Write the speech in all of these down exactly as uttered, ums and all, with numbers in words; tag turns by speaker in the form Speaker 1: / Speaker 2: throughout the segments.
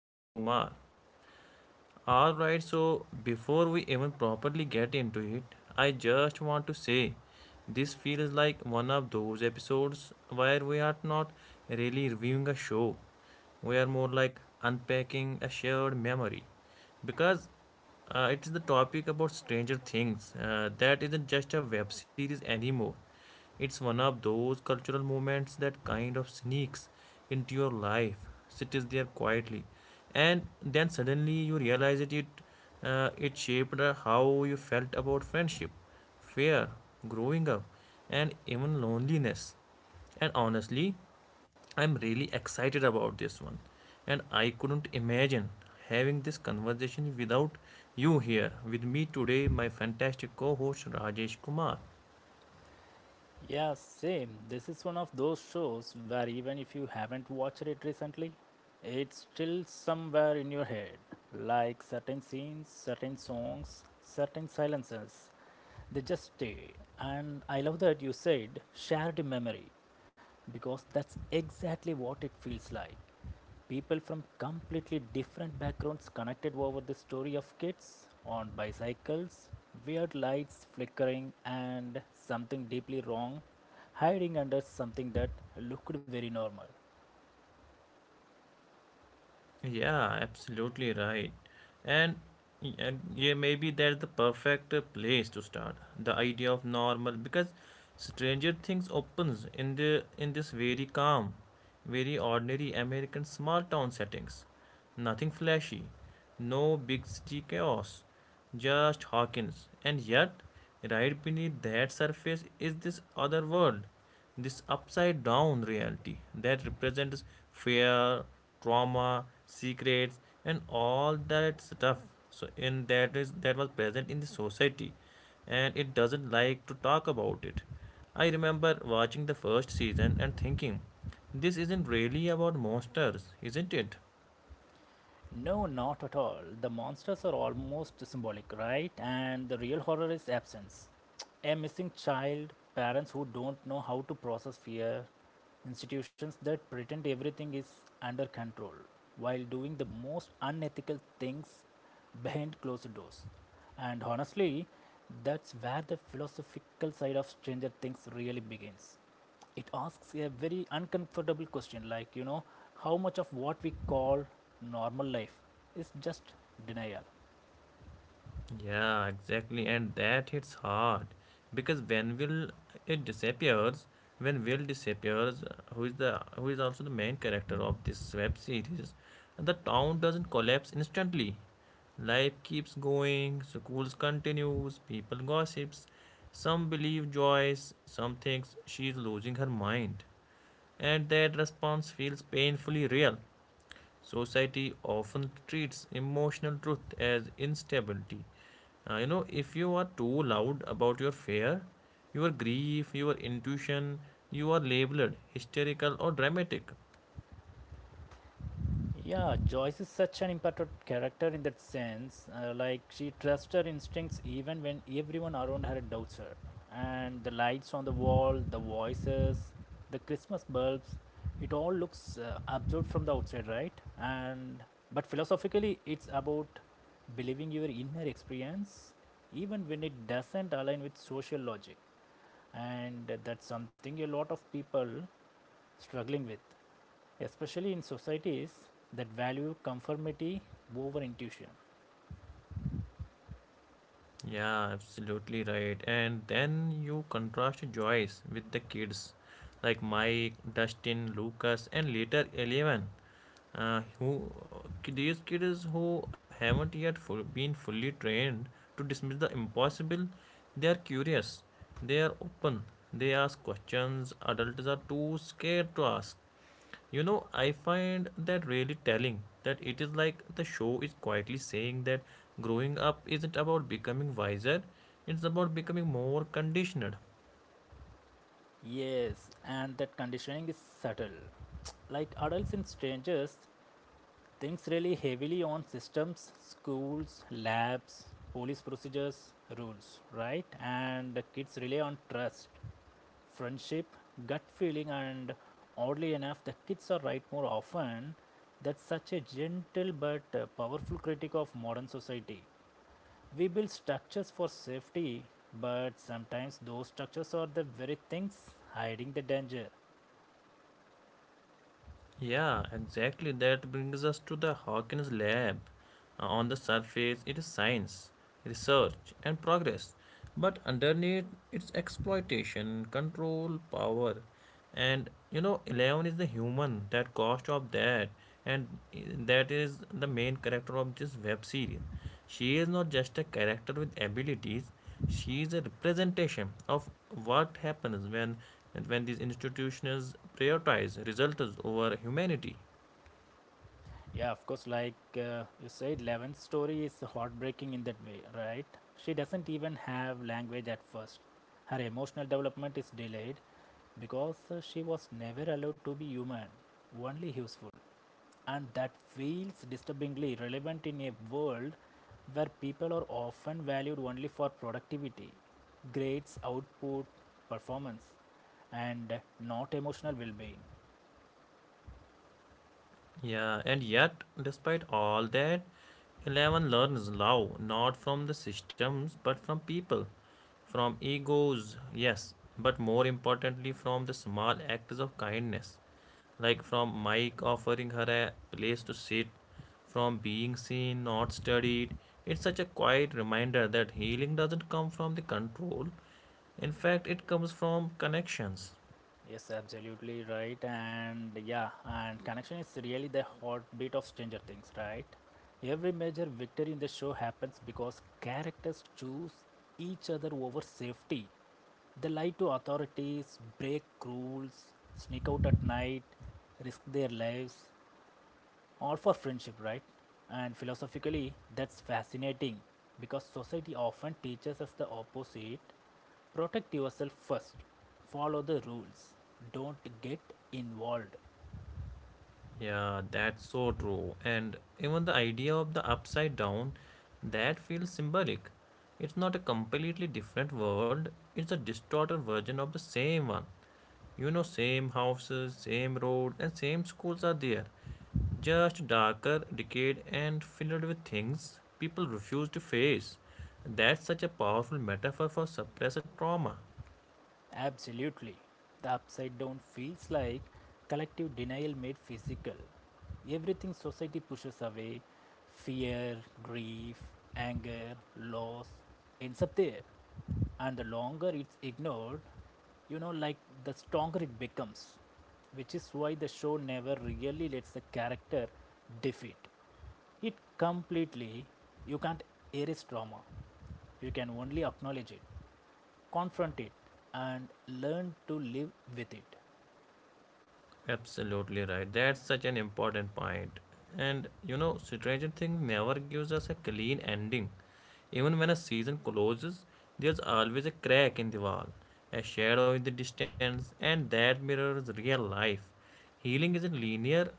Speaker 1: Rajesh Kumar. All right, so before we even properly get into it, I just want to say this feels like one of those episodes where we are not really reviewing a show. We are more like unpacking a shared memory because uh, it is the topic about Stranger Things. Uh, that isn't just a web series anymore. It's one of those cultural movements that kind of sneaks into your life, sits there quietly, and then suddenly you realize it. It uh, it shaped uh, how you felt about friendship, fear, growing up, and even loneliness. And honestly, I'm really excited about this one. And I couldn't imagine having this conversation without you here with me today, my fantastic co host Rajesh Kumar.
Speaker 2: Yeah, same. This is one of those shows where even if you haven't watched it recently, it's still somewhere in your head. Like certain scenes, certain songs, certain silences, they just stay. And I love that you said shared memory because that's exactly what it feels like. People from completely different backgrounds connected over the story of kids on bicycles, weird lights flickering, and something deeply wrong hiding under something that looked very normal.
Speaker 1: Yeah, absolutely right. And, y- and yeah, maybe that's the perfect uh, place to start. The idea of normal because Stranger Things opens in the in this very calm, very ordinary American small town settings. Nothing flashy, no big city chaos just Hawkins. And yet, right beneath that surface is this other world, this upside down reality that represents fear, trauma, secrets, and all that stuff. So, in that is that was present in the society, and it doesn't like to talk about it. I remember watching the first season and thinking, this isn't really about monsters, isn't it?
Speaker 2: No, not at all. The monsters are almost symbolic, right? And the real horror is absence. A missing child, parents who don't know how to process fear, institutions that pretend everything is under control while doing the most unethical things behind closed doors. And honestly, that's where the philosophical side of Stranger Things really begins. It asks a very uncomfortable question like, you know, how much of what we call normal life is just denial?
Speaker 1: Yeah, exactly. And that hits hard because when will it disappears, when Will disappears, uh, who is the who is also the main character of this web series, the town doesn't collapse instantly. Life keeps going, schools continues, people gossips. Some believe Joyce, some thinks she is losing her mind, and that response feels painfully real. Society often treats emotional truth as instability. Uh, you know, if you are too loud about your fear, your grief, your intuition, you are labeled hysterical or dramatic.
Speaker 2: Yeah, Joyce is such an important character in that sense. Uh, like she trusts her instincts even when everyone around her doubts her. And the lights on the wall, the voices, the Christmas bulbs, it all looks uh, absurd from the outside, right? And but philosophically, it's about believing your inner experience even when it doesn't align with social logic. And that's something a lot of people struggling with especially in societies that value conformity over intuition.
Speaker 1: Yeah, absolutely right. And then you contrast Joyce with the kids like Mike, Dustin, Lucas, and later Eleven, uh, who these kids who haven't yet full, been fully trained to dismiss the impossible. They are curious, they are open, they ask questions adults are too scared to ask. You know, I find that really telling that it is like the show is quietly saying that growing up isn't about becoming wiser, it's about becoming more conditioned.
Speaker 2: Yes, and that conditioning is subtle. Like adults and strangers, things really heavily on systems, schools, labs, police procedures, rules, right? And the kids rely on trust, friendship, gut feeling, and oddly enough, the kids are right more often. That's such a gentle but uh, powerful critique of modern society. We build structures for safety, but sometimes those structures are the very things hiding the danger.
Speaker 1: Yeah, exactly. That brings us to the Hawkins lab. Uh, on the surface, it is science, research, and progress. But underneath, it's exploitation, control, power. And you know, Eleven is the human, that cost of that. And eh, that is the main character of this web series. She is not just a character with abilities, she is a representation of what happens when, when these institutions prioritize results over humanity.
Speaker 2: Yeah, of course, like uh, you said, Levin's story is heartbreaking in that way, right? She doesn't even have language at first. Her emotional development is delayed because uh, she was never allowed to be human, only useful. And that feels disturbingly relevant in a world where people are often valued only for productivity, grades, output, performance, and not emotional well being.
Speaker 1: Yeah, and yet, despite all that, Eleven learns love not from the systems but from people, from egos, yes, but more importantly, from the small acts of kindness, like from Mike offering her a place to sit, from being seen, not studied. It's such a quiet reminder that healing doesn't come from the control, in fact, it comes from connections.
Speaker 2: Yes, absolutely right. And yeah, and connection is really the heartbeat of Stranger Things, right? Every major victory in the show happens because characters choose each other over safety. They lie to authorities, break rules, sneak out at night, risk their lives, all for friendship, right? And philosophically, that's fascinating because society often teaches us the opposite: protect yourself first, follow the rules, don't get involved.
Speaker 1: Yeah, that's so true. And even the idea of the upside down, that feels symbolic. It's not a completely different world, it's a distorted version of the same one. You know, same houses, same road, and same schools are there. Just darker, decayed, and filled with things people refuse to face. That's such a powerful metaphor for suppressed trauma.
Speaker 2: Absolutely. The upside down feels like collective denial made physical. Everything society pushes away, fear, grief, anger, loss, ends up there. And the longer it's ignored, you know, like the stronger it becomes. Which is why the show never really lets the character defeat it completely. You can't erase trauma, you can only acknowledge it, confront it, and learn to live with it.
Speaker 1: Absolutely right. That's such an important point. And you know, Stranger Things never gives us a clean ending. Even when a season closes, there's always a crack in the wall, a shadow in the distance, and that mirrors real life. Healing isn't linear,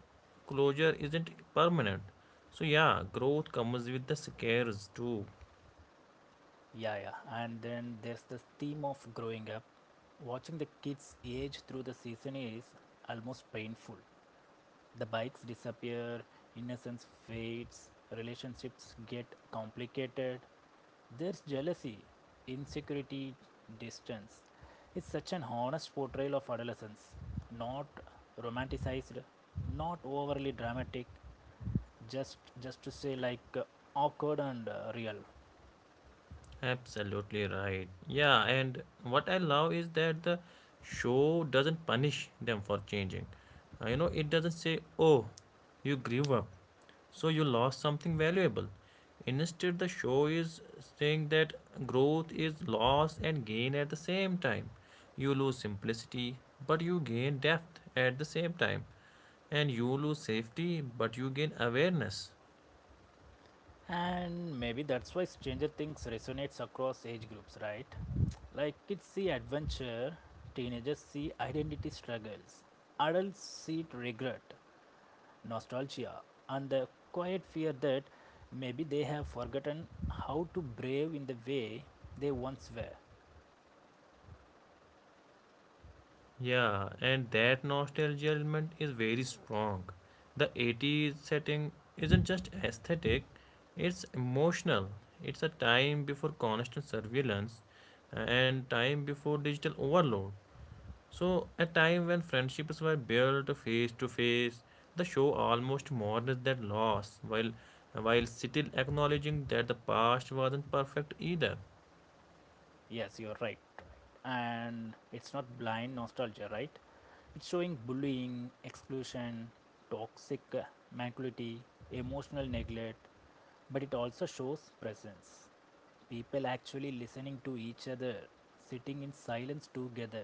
Speaker 1: closure isn't permanent. So, yeah, growth comes with the scares too.
Speaker 2: Yeah yeah and then there's this theme of growing up. Watching the kids age through the season is almost painful. The bikes disappear, innocence fades, relationships get complicated, there's jealousy, insecurity, distance. It's such an honest portrayal of adolescence, not romanticized, not overly dramatic, just just to say like uh, awkward and uh, real.
Speaker 1: Absolutely right. Yeah, and what I love is that the show doesn't punish them for changing. Uh, you know, it doesn't say, oh, you grew up, so you lost something valuable. Instead, the show is saying that growth is loss and gain at the same time. You lose simplicity, but you gain depth at the same time. And you lose safety, but you gain awareness.
Speaker 2: And maybe that's why Stranger Things resonates across age groups, right? Like kids see adventure, teenagers see identity struggles, adults see regret, nostalgia, and the quiet fear that maybe they have forgotten how to brave in the way they once were.
Speaker 1: Yeah, and that nostalgia element is very strong. The eighties setting isn't just aesthetic, it's emotional. It's a time before constant surveillance and time before digital overload. So, a time when friendships were built face to face, the show almost mourns that loss while while still acknowledging that the past wasn't perfect either.
Speaker 2: Yes, you're right, and it's not blind nostalgia, right? It's showing bullying, exclusion, toxic uh, mentality, emotional neglect, but it also shows presence. People actually listening to each other, sitting in silence together,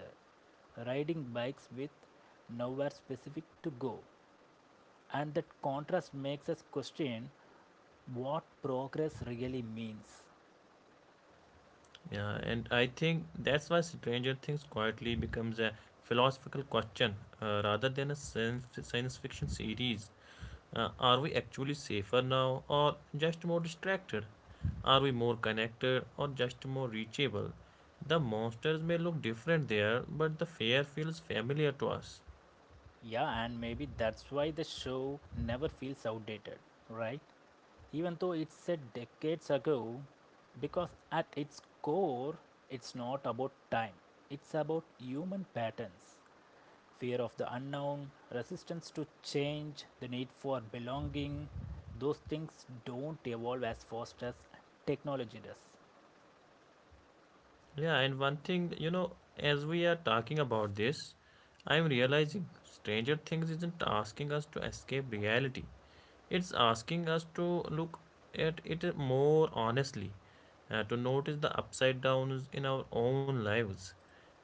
Speaker 2: riding bikes with nowhere specific to go. And that contrast makes us question what progress really means.
Speaker 1: Yeah, and I think that's why Stranger Things quietly becomes a philosophical question uh, rather than a science, science fiction series. Uh, are we actually safer now or just more distracted? Are we more connected or just more reachable? The monsters may look different there, but the fear feels familiar to us.
Speaker 2: Yeah, and maybe that's why the show never feels outdated, right? Even though it's said decades ago, because at its core, it's not about time, it's about human patterns: fear of the unknown, resistance to change, the need for belonging. Those things don't evolve as fast as technology does.
Speaker 1: Yeah, and one thing, you know, as we are talking about this, I'm realizing Stranger Things isn't asking us to escape reality. It's asking us to look at it more honestly, uh, to notice the upside downs in our own lives,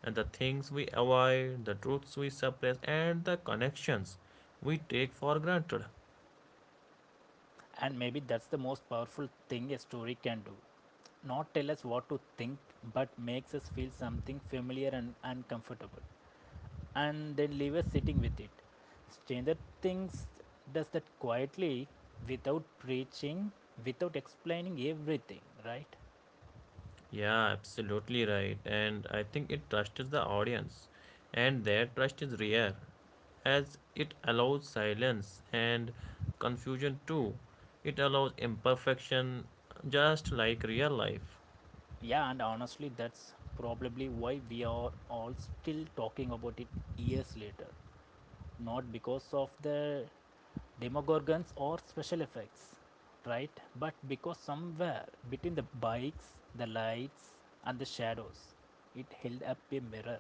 Speaker 1: and the things we avoid, the truths we suppress, and the connections we take for granted.
Speaker 2: And maybe that's the most powerful thing a story can do. Not tell us what to think, but makes us feel something familiar and uncomfortable, and then leave us sitting with it. Stranger Things does that quietly, without preaching, without explaining everything, right?
Speaker 1: Yeah, absolutely right. And I think it trusts the audience, and their trust is rare, as it allows silence and confusion too. It allows imperfection, just like real life.
Speaker 2: Yeah, and honestly, that's probably why we are all still talking about it years later. Not because of the demogorgons or special effects, right? But because somewhere between the bikes, the lights, and the shadows, it held up a mirror.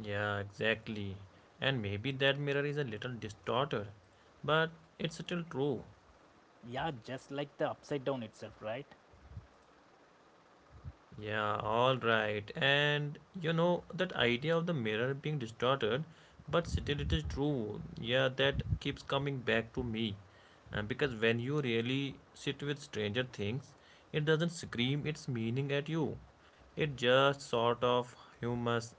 Speaker 1: Yeah, exactly. And maybe that mirror is a little distorted, but it's still true.
Speaker 2: Yeah, just like the upside down itself, right?
Speaker 1: Yeah, all right. And you know, that idea of the mirror being distorted, but still it is true. Yeah, that keeps coming back to me. Uh, because when you really sit with stranger things, it doesn't scream its meaning at you. It just sort of humus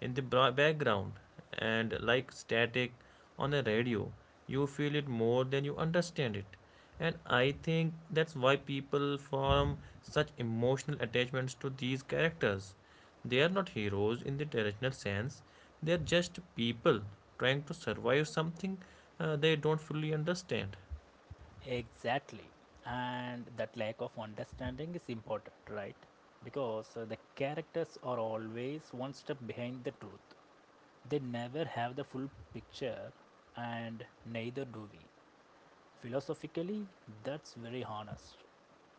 Speaker 1: in the background and like static on a radio. You feel it more than you understand it. And I think that's why people form such emotional attachments to these characters. They are not heroes in the traditional sense, they are just people trying to survive something uh, they don't fully understand.
Speaker 2: Exactly. And that lack of understanding is important, right? Because uh, the characters are always one step behind the truth. They never have the full picture, and neither do we. Philosophically, that's very honest.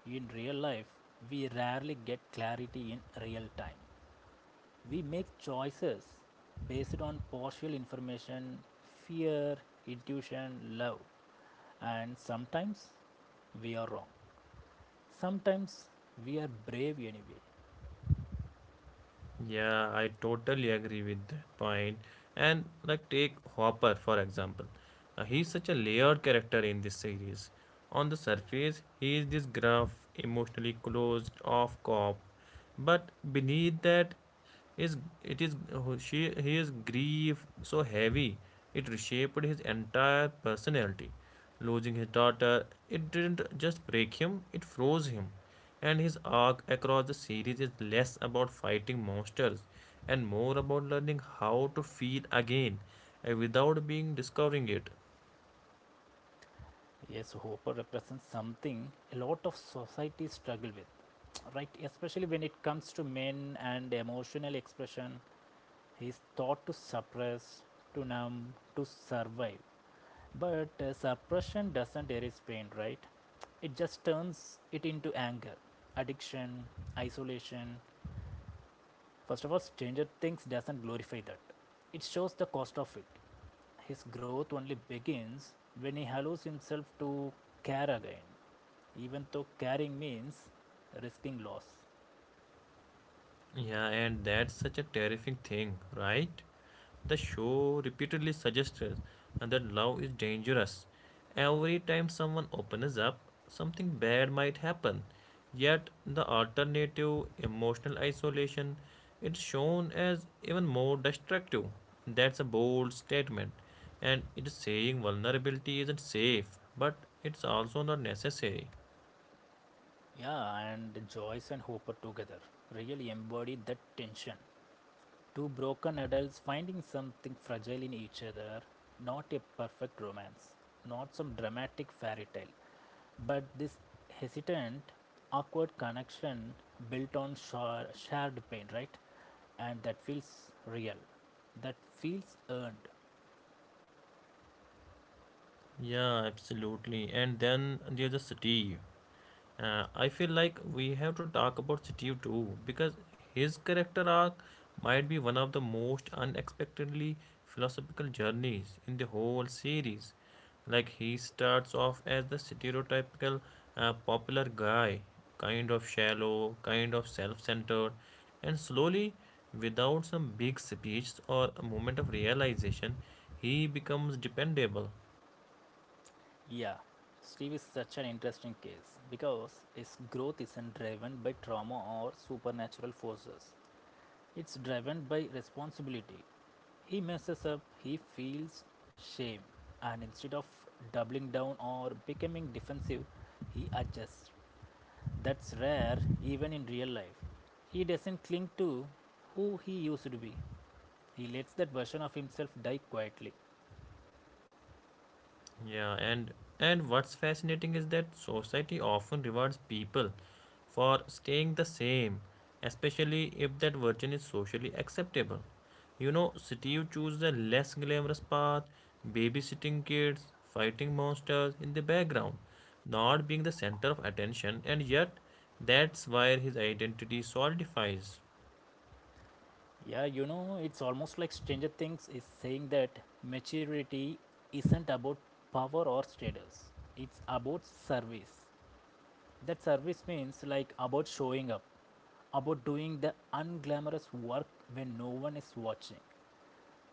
Speaker 2: In real life, we rarely get clarity in real time. We make choices based on partial information, fear, intuition, love, and sometimes we are wrong. Sometimes we are brave anyway.
Speaker 1: Yeah, I totally agree with that point. And like take Hopper for example. Uh, he's such a layered character in this series. On the surface, he is this gruff, emotionally closed off cop, but beneath that is it is who she his grief so heavy it reshaped his entire personality. Losing his daughter, it didn't just break him, it froze him. And his arc across the series is less about fighting monsters and more about learning how to feel again uh, without being discovering it.
Speaker 2: Yes, Hopper represents something a lot of society struggle with, right? Especially when it comes to men and emotional expression. He is thought to suppress, to numb, to survive. But uh, suppression doesn't erase pain, right? It just turns it into anger, addiction, isolation. First of all, Stranger Things doesn't glorify that. It shows the cost of it. His growth only begins when he allows himself to care again, even though caring means risking loss.
Speaker 1: Yeah, and that's such a terrifying thing, right? The show repeatedly suggests us that love is dangerous. Every time someone opens up, something bad might happen. Yet, the alternative, emotional isolation, is shown as even more destructive. That's a bold statement, and it is saying vulnerability isn't safe, but it's also not necessary.
Speaker 2: Yeah, and Joyce and Hopper together really embody that tension. Two broken adults finding something fragile in each other, not a perfect romance, not some dramatic fairy tale, but this hesitant, awkward connection built on shared pain, right? And that feels real, that feels earned.
Speaker 1: Yeah, absolutely. And then there's a Steve. Uh, I feel like we have to talk about Steve too because his character arc might be one of the most unexpectedly philosophical journeys in the whole series. Like he starts off as the stereotypical uh, popular guy, kind of shallow, kind of self-centered, and slowly, without some big speech or a moment of realization, he becomes dependable.
Speaker 2: Yeah, Steve is such an interesting case because its growth isn't driven by trauma or supernatural forces. It's driven by responsibility. He messes up, he feels shame, and instead of doubling down or becoming defensive, he adjusts. That's rare even in real life. He doesn't cling to who he used to be. He lets that version of himself die quietly.
Speaker 1: Yeah, and and what's fascinating is that society often rewards people for staying the same, especially if that version is socially acceptable. You know, Steve chose the less glamorous path, babysitting kids, fighting monsters in the background, not being the center of attention, and yet that's where his identity solidifies.
Speaker 2: Yeah, you know, it's almost like Stranger Things is saying that maturity isn't about power or status. It's about service. That service means like about showing up, about doing the unglamorous work when no one is watching.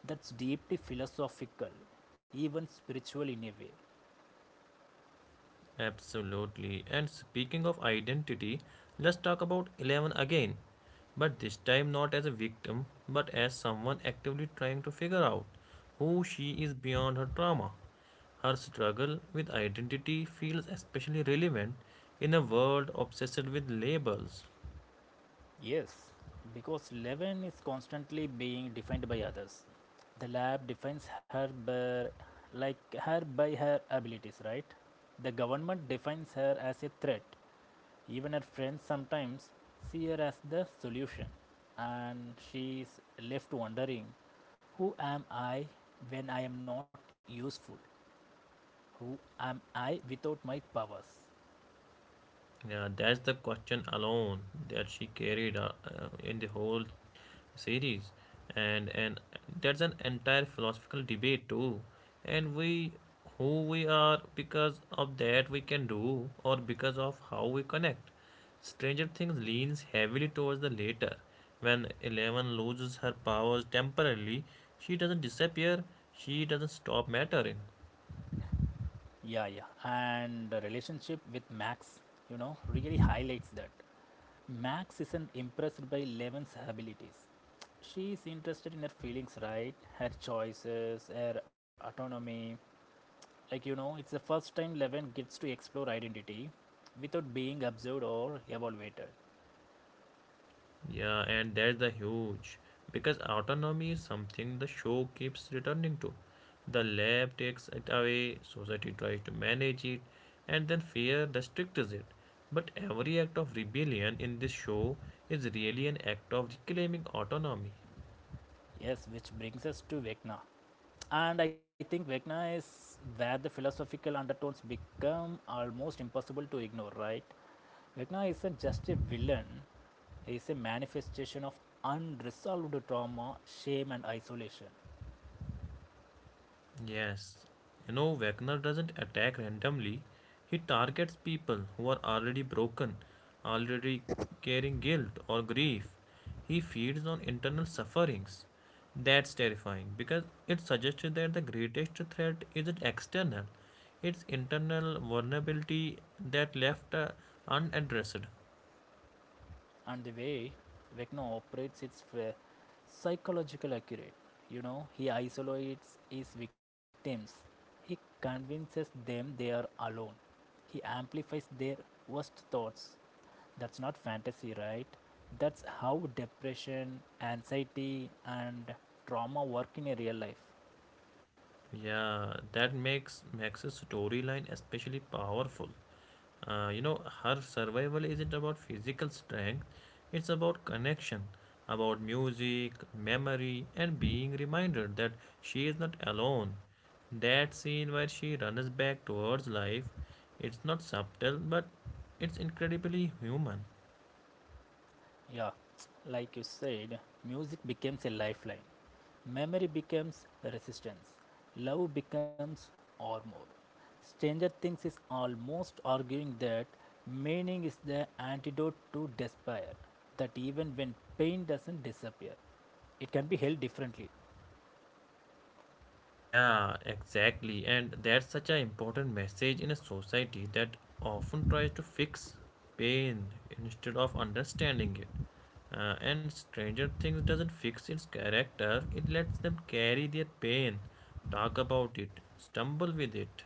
Speaker 2: That's deeply philosophical, even spiritual in a way.
Speaker 1: Absolutely. And speaking of identity, let's talk about Eleven again. But this time not as a victim, but as someone actively trying to figure out who she is beyond her trauma. Her struggle with identity feels especially relevant in a world obsessed with labels.
Speaker 2: Yes, because Levin is constantly being defined by others. The lab defines her by, like her by her abilities, right? The government defines her as a threat. Even her friends sometimes see her as the solution, and she is left wondering, who am I when I am not useful? Who am I without my powers?
Speaker 1: Yeah, that's the question alone that she carried uh, uh, in the whole series, and and that's an entire philosophical debate too. And we, who we are, because of that we can do, or because of how we connect. Stranger Things leans heavily towards the latter. When Eleven loses her powers temporarily, she doesn't disappear. She doesn't stop mattering.
Speaker 2: Yeah, yeah. And the relationship with Max, you know, really highlights that. Max isn't impressed by Levin's abilities. She is interested in her feelings, right? Her choices, her autonomy. Like, you know, it's the first time Levin gets to explore identity without being observed or evaluated.
Speaker 1: Yeah, and that's the huge because autonomy is something the show keeps returning to. The lab takes it away, society tries to manage it, and then fear restricts it. But every act of rebellion in this show is really an act of reclaiming autonomy.
Speaker 2: Yes, which brings us to Vecna. And I think Vecna is where the philosophical undertones become almost impossible to ignore, right? Vecna isn't just a villain, he is a manifestation of unresolved trauma, shame, and isolation.
Speaker 1: Yes, you know, Wagner doesn't attack randomly. He targets people who are already broken, already carrying guilt or grief. He feeds on internal sufferings. That's terrifying because it suggests that the greatest threat isn't external, it's internal vulnerability that left uh, unaddressed.
Speaker 2: And the way Vecna operates, it's uh, psychological accurate. You know, he isolates his victims, he convinces them they are alone, he amplifies their worst thoughts. That's not fantasy, right? That's how depression, anxiety, and trauma work in a real life.
Speaker 1: Yeah, that makes Max's storyline especially powerful. Uh, you know, her survival isn't about physical strength, it's about connection, about music, memory, and being reminded that she is not alone. That scene where she runs back towards life, it's not subtle, but it's incredibly human.
Speaker 2: Yeah, like you said, music becomes a lifeline. Memory becomes resistance. Love becomes armor. Stranger Things is almost arguing that meaning is the antidote to despair, that even when pain doesn't disappear, it can be held differently.
Speaker 1: Yeah, exactly. And that's such an important message in a society that often tries to fix pain instead of understanding it. Uh, and Stranger Things doesn't fix its character, it lets them carry their pain, talk about it, stumble with it.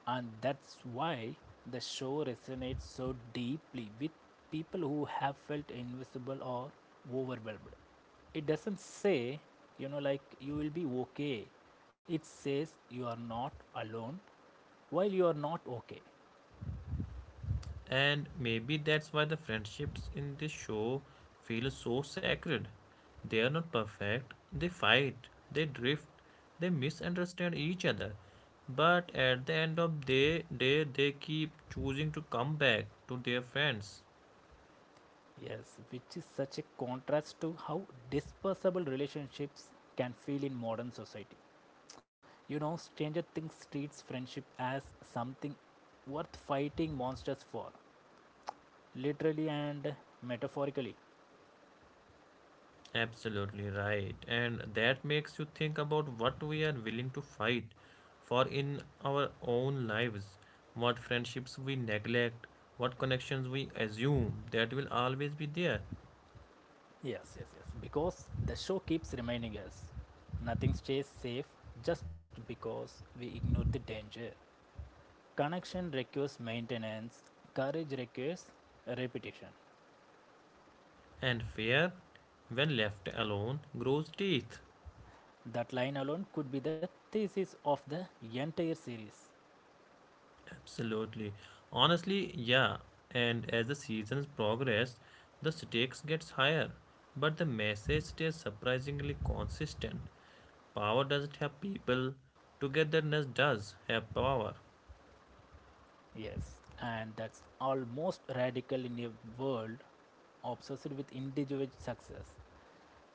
Speaker 2: And that's why the show resonates so deeply with people who have felt invisible or overwhelmed. It doesn't say, you know, like you will be okay. It says you are not alone while you are not okay.
Speaker 1: And maybe that's why the friendships in this show feel so sacred. They are not perfect, they fight, they drift, they misunderstand each other. But at the end of the day, they keep choosing to come back to their friends.
Speaker 2: Yes, which is such a contrast to how dispersable relationships can feel in modern society. You know, Stranger Things treats friendship as something worth fighting monsters for, literally and metaphorically.
Speaker 1: Absolutely right. And that makes you think about what we are willing to fight for in our own lives, what friendships we neglect, what connections we assume that will always be there.
Speaker 2: Yes, yes, yes. Because the show keeps reminding us nothing stays safe just because we ignore the danger. Connection requires maintenance, courage requires repetition.
Speaker 1: And fear, when left alone, grows teeth.
Speaker 2: That line alone could be the thesis of the entire series.
Speaker 1: Absolutely. Honestly, yeah. And as the seasons progress, the stakes gets higher, but the message stays surprisingly consistent. Power doesn't have people, togetherness does have power.
Speaker 2: Yes, and that's almost radical in a world obsessed with individual success.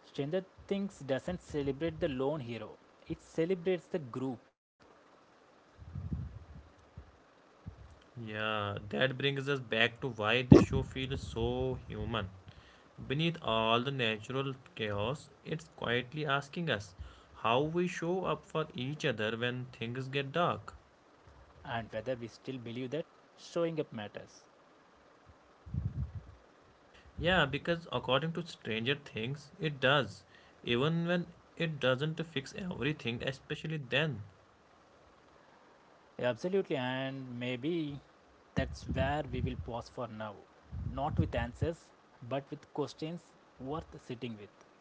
Speaker 2: Stranger Things doesn't celebrate the lone hero, it celebrates the group.
Speaker 1: Yeah, that brings us back to why this show feels so human. Beneath all the natural chaos, it's quietly asking us how we show up for each other when things get dark.
Speaker 2: And whether we still believe that showing up matters.
Speaker 1: Yeah, because according to Stranger Things, it does, even when it doesn't fix everything, especially then.
Speaker 2: Absolutely, and maybe that's where we will pause for now. Not with answers, but with questions worth sitting with.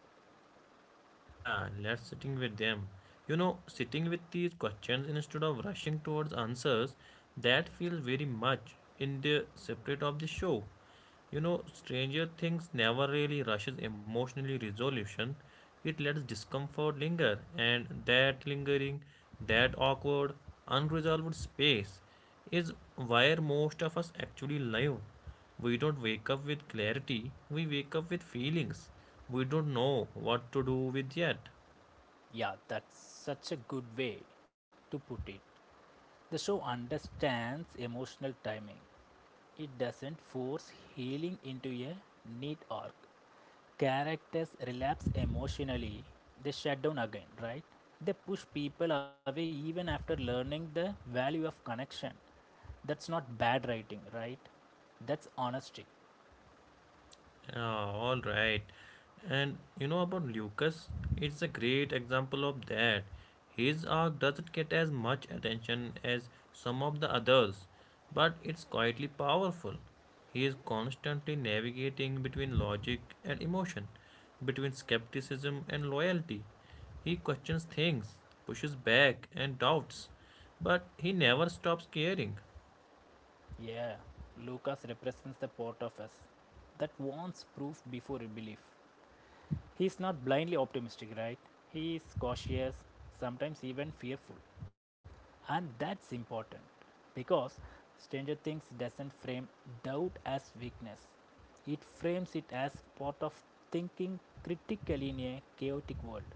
Speaker 1: Yeah, let's sitting with them. You know, sitting with these questions instead of rushing towards answers, that feels very much in the spirit of the show. You know, Stranger Things never really rushes emotionally resolution. It lets discomfort linger, and that lingering, that awkward, unresolved space is where most of us actually live. We don't wake up with clarity, we wake up with feelings we don't know what to do with yet.
Speaker 2: Yeah, that's such a good way to put it. The show understands emotional timing. It doesn't force healing into a neat arc. Characters relapse emotionally. They shut down again, right? They push people away even after learning the value of connection. That's not bad writing, right? That's honesty.
Speaker 1: Yeah, all right. And you know about Lucas, it's a great example of that. His arc doesn't get as much attention as some of the others, but it's quietly powerful. He is constantly navigating between logic and emotion, between skepticism and loyalty. He questions things, pushes back, and doubts, but he never stops caring.
Speaker 2: Yeah, Lucas represents the part of us that wants proof before belief. He's not blindly optimistic, right? He is cautious, sometimes even fearful. And that's important because Stranger Things doesn't frame doubt as weakness, it frames it as part of thinking critically in a chaotic world.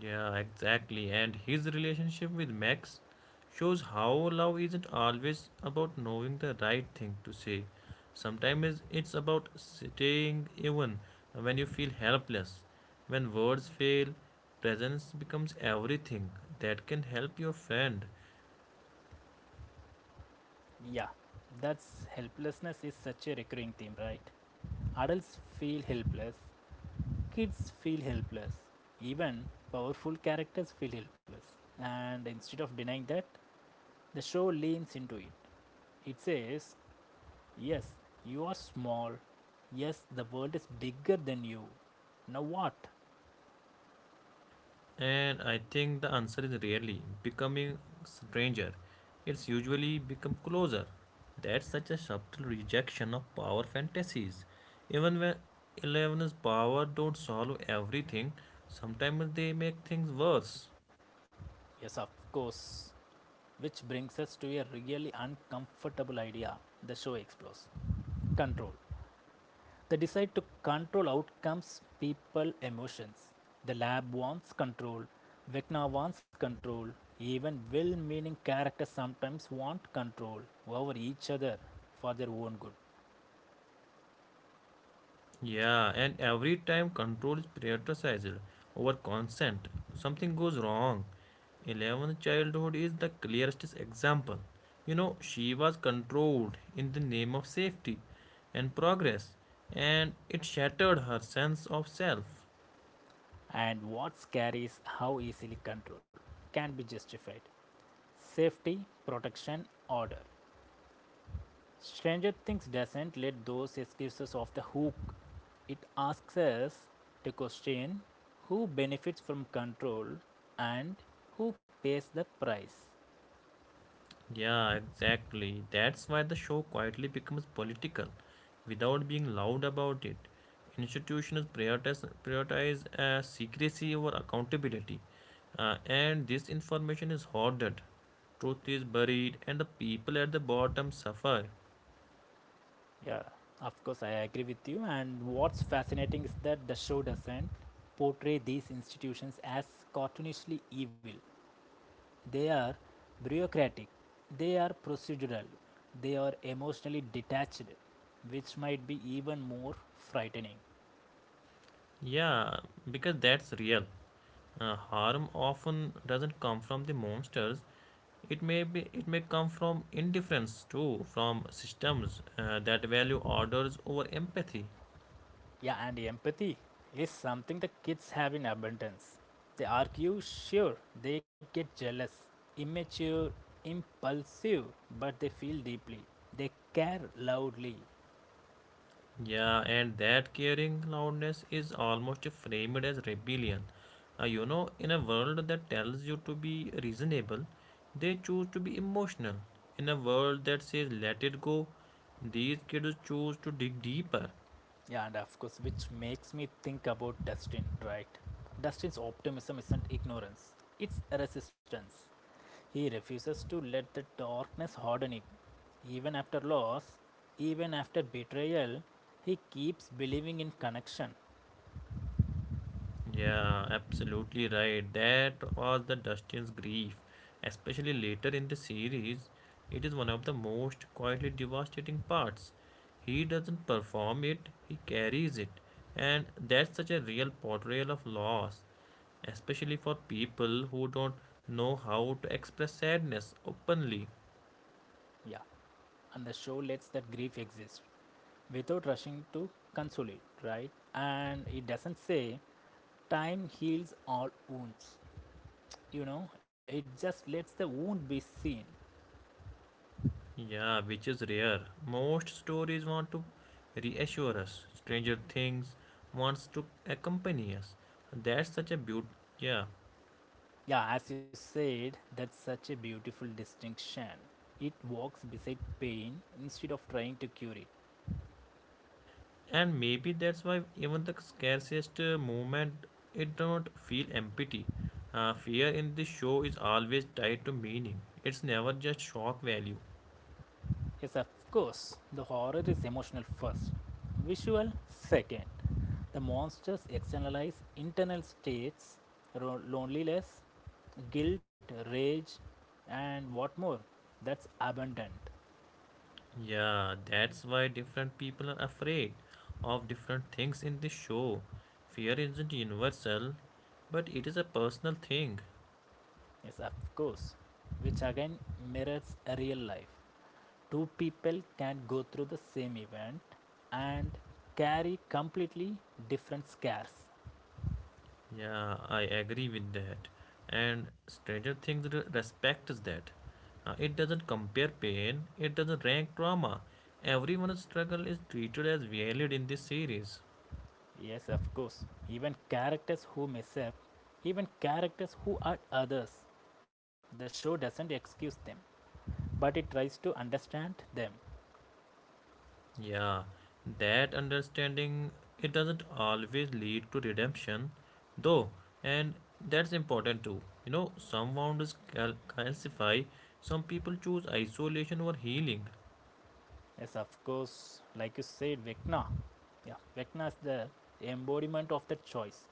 Speaker 1: Yeah, exactly. And his relationship with Max shows how love isn't always about knowing the right thing to say. Sometimes it's about staying even when you feel helpless. When words fail, presence becomes everything that can help your friend.
Speaker 2: Yeah, that's helplessness is such a recurring theme, right? Adults feel helpless, kids feel helpless, even powerful characters feel helpless. And instead of denying that, the show leans into it. It says, yes, you are small. Yes, the world is bigger than you. Now what?
Speaker 1: And I think the answer is rarely becoming stranger. It's usually become closer. That's such a subtle rejection of power fantasies. Even when eleven's power don't solve everything, sometimes they make things worse.
Speaker 2: Yes, of course. Which brings us to a really uncomfortable idea the show explores. Control. They decide to control outcomes, people, emotions. The lab wants control. Vecna wants control. Even well meaning characters sometimes want control over each other for their own good.
Speaker 1: Yeah, and every time control is prioritized over consent, something goes wrong. eleventh childhood is the clearest example. You know, she was controlled in the name of safety and progress, and it shattered her sense of self.
Speaker 2: And what scares how easily controlled can be justified. Safety, protection, order. Stranger Things doesn't let those excuses off the hook. It asks us to question who benefits from control and who pays the price.
Speaker 1: Yeah, exactly. That's why the show quietly becomes political without being loud about it. Institutions prioritize, prioritize uh, secrecy over accountability, uh, and this information is hoarded. Truth is buried, and the people at the bottom suffer.
Speaker 2: Yeah, of course, I agree with you. And what's fascinating is that the show doesn't portray these institutions as cartoonishly evil. They are bureaucratic, they are procedural, they are emotionally detached, which might be even more frightening.
Speaker 1: Yeah, because that's real. Uh, harm often doesn't come from the monsters. It may be, it may come from indifference too, from systems uh, that value orders over empathy.
Speaker 2: Yeah, and empathy is something the kids have in abundance. They argue, sure, they get jealous, immature, impulsive, but they feel deeply. They care loudly.
Speaker 1: Yeah, and that caring loudness is almost framed as rebellion. Uh, you know, in a world that tells you to be reasonable, they choose to be emotional. In a world that says let it go, these kids choose to dig deeper.
Speaker 2: Yeah, and of course, which makes me think about Dustin, right? Dustin's optimism isn't ignorance, it's resistance. He refuses to let the darkness harden him. Even after loss, even after betrayal, he keeps believing in connection.
Speaker 1: Yeah, absolutely right. That was the Dustin's grief, especially later in the series. It is one of the most quietly devastating parts. He doesn't perform it, he carries it. And that's such a real portrayal of loss, especially for people who don't know how to express sadness openly.
Speaker 2: Yeah, and the show lets that grief exist without rushing to console it, right? And it doesn't say time heals all wounds. You know, it just lets the wound be seen.
Speaker 1: Yeah, which is rare. Most stories want to reassure us. Stranger Things wants to accompany us. That's such a beaut. Yeah,
Speaker 2: Yeah, as you said, that's such a beautiful distinction. It walks beside pain instead of trying to cure it.
Speaker 1: and maybe that's why even the scarcest uh, moment, it does not feel empty. Uh, fear in this show is always tied to meaning. It's never just shock value.
Speaker 2: Is of course the horror is emotional first, visual second. The monsters externalize internal states, loneliness, guilt, rage, and what more? That's abundant,
Speaker 1: Yeah, that's why different people are afraid of different things in this show. Fear isn't universal, but it is a personal thing.
Speaker 2: yes, of course, which again mirrors a real life. Two people can go through the same event and carry completely different scares.
Speaker 1: Yeah, I agree with that. And Stranger Things re- respects that. Uh, it doesn't compare pain, it doesn't rank trauma. Everyone's struggle is treated as valid in this series.
Speaker 2: Yes, of course. Even characters who mess up, even characters who are others, the show doesn't excuse them, but it tries to understand them.
Speaker 1: Yeah, that understanding it doesn't always lead to redemption, though, and that's important too. You know, some wounds cal- calcify, some people choose isolation over healing.
Speaker 2: Yes, of course. Like you said, Vecna. Yeah, Vecna is the embodiment of that choice.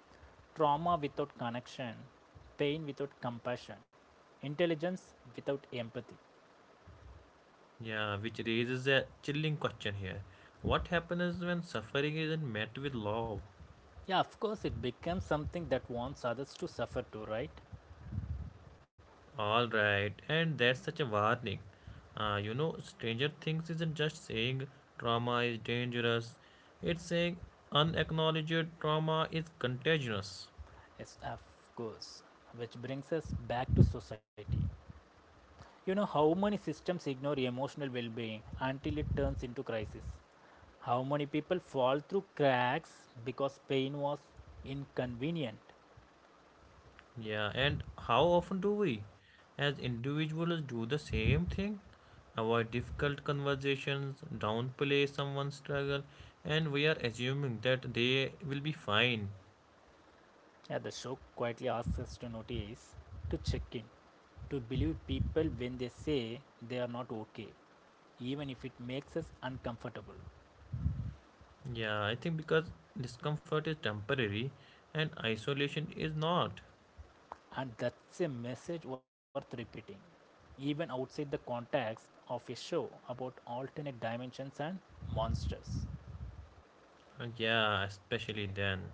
Speaker 2: Trauma without connection, pain without compassion, intelligence without empathy.
Speaker 1: Yeah, which raises a chilling question here. What happens when suffering isn't met with love?
Speaker 2: Yeah, of course, it becomes something that wants others to suffer too, right?
Speaker 1: All right, and that's such a warning. Uh, you know, Stranger Things isn't just saying trauma is dangerous, it's saying unacknowledged trauma is contagious.
Speaker 2: Yes, of course. Which brings us back to society. You know how many systems ignore emotional well-being until it turns into crisis. How many people fall through cracks because pain was inconvenient.
Speaker 1: Yeah, and how often do we, as individuals, do the same thing? Avoid difficult conversations, downplay someone's struggle, and we are assuming that they will be fine.
Speaker 2: Yeah, the show quietly asks us to notice, to check in, to believe people when they say they are not okay, even if it makes us uncomfortable.
Speaker 1: Yeah, I think because discomfort is temporary and isolation is not.
Speaker 2: And that's a message worth repeating, even outside the context of a show about alternate dimensions and monsters.
Speaker 1: Uh, Yeah, especially then.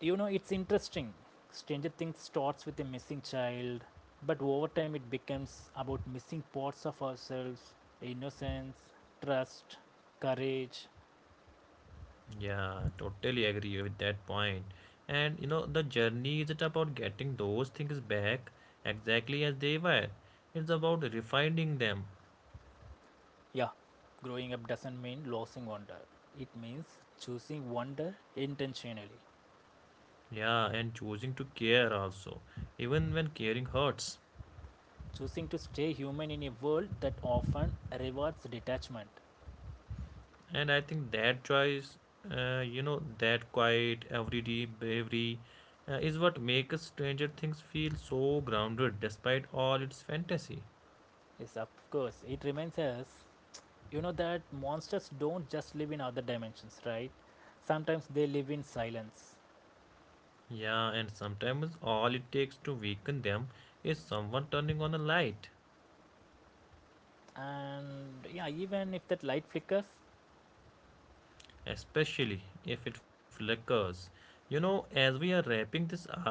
Speaker 2: You know, it's interesting. Stranger Things starts with a missing child, but over time it becomes about missing parts of ourselves: innocence, trust, courage.
Speaker 1: Yeah, totally agree with that point. And you know, the journey isn't about getting those things back exactly as they were, it's about refining them.
Speaker 2: Yeah, growing up doesn't mean losing wonder, it means choosing wonder intentionally.
Speaker 1: Yeah, and choosing to care also, even when caring hurts.
Speaker 2: Choosing to stay human in a world that often rewards detachment.
Speaker 1: And I think that choice, uh, you know, that quiet, everyday bravery uh, is what makes Stranger Things feel so grounded despite all its fantasy.
Speaker 2: Yes, of course, it reminds us, you know, that monsters don't just live in other dimensions, right? Sometimes they live in silence.
Speaker 1: Yeah, and sometimes all it takes to weaken them is someone turning on a light.
Speaker 2: And yeah, even if that light flickers.
Speaker 1: Especially if it flickers. You know, as we are wrapping this up,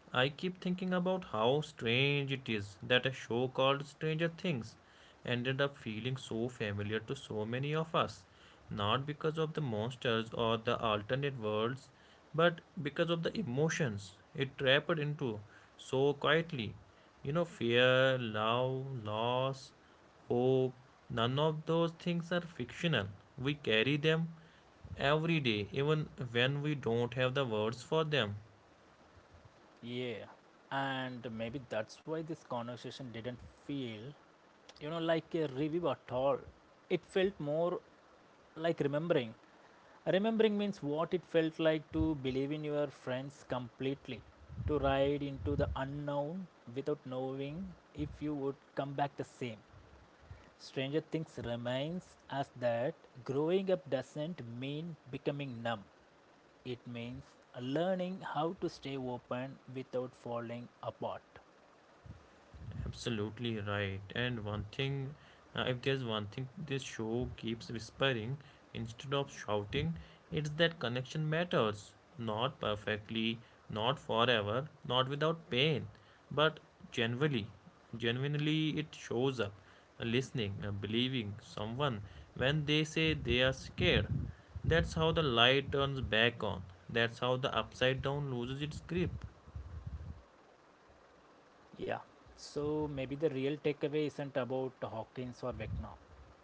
Speaker 1: I keep thinking about how strange it is that a show called Stranger Things ended up feeling so familiar to so many of us, not because of the monsters or the alternate worlds, but because of the emotions it trapped into so quietly. You know, fear, love, loss, hope, none of those things are fictional. We carry them every day, even when we don't have the words for them.
Speaker 2: Yeah, and maybe that's why this conversation didn't feel, you know, like a review at all. It felt more like remembering. Remembering means what it felt like to believe in your friends completely, to ride into the unknown without knowing if you would come back the same. Stranger Things reminds us that growing up doesn't mean becoming numb. It means learning how to stay open without falling apart.
Speaker 1: Absolutely right. And one thing, uh, if there's one thing this show keeps whispering instead of shouting, it's that connection matters. Not perfectly, not forever, not without pain, but genuinely. Genuinely, it shows up. uh, Listening, uh, believing someone when they say they are scared. That's how the light turns back on. That's how the upside down loses its grip.
Speaker 2: Yeah. So maybe the real takeaway isn't about Hawkins or Vecna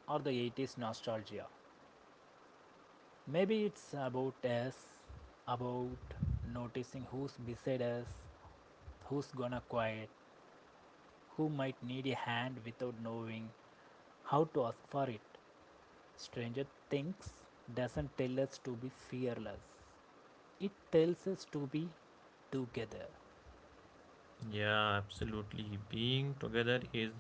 Speaker 2: or the eighties nostalgia. Maybe it's about us, about noticing who's beside us, who's gonna quiet, who might need a hand without knowing how to ask for it. Stranger Things doesn't tell us to be fearless, it tells us to be together.
Speaker 1: Yeah, absolutely. Being together is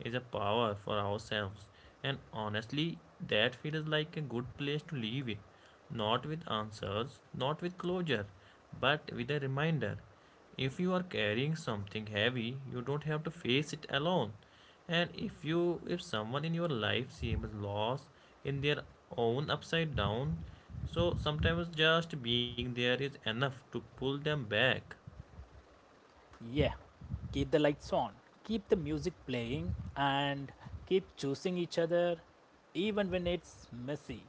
Speaker 1: is a power for ourselves. And honestly, that feels like a good place to leave it. Not with answers, not with closure, but with a reminder. If you are carrying something heavy, you don't have to face it alone. And if you if someone in your life seems lost in their own upside down, so sometimes just being there is enough to pull them back.
Speaker 2: Yeah, keep the lights on, keep the music playing, and keep choosing each other even when it's messy.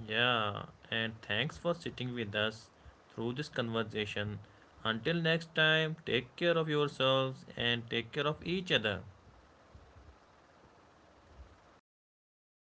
Speaker 1: Yeah, and thanks for sitting with us through this conversation. Until next time, take care of yourselves and take care of each other.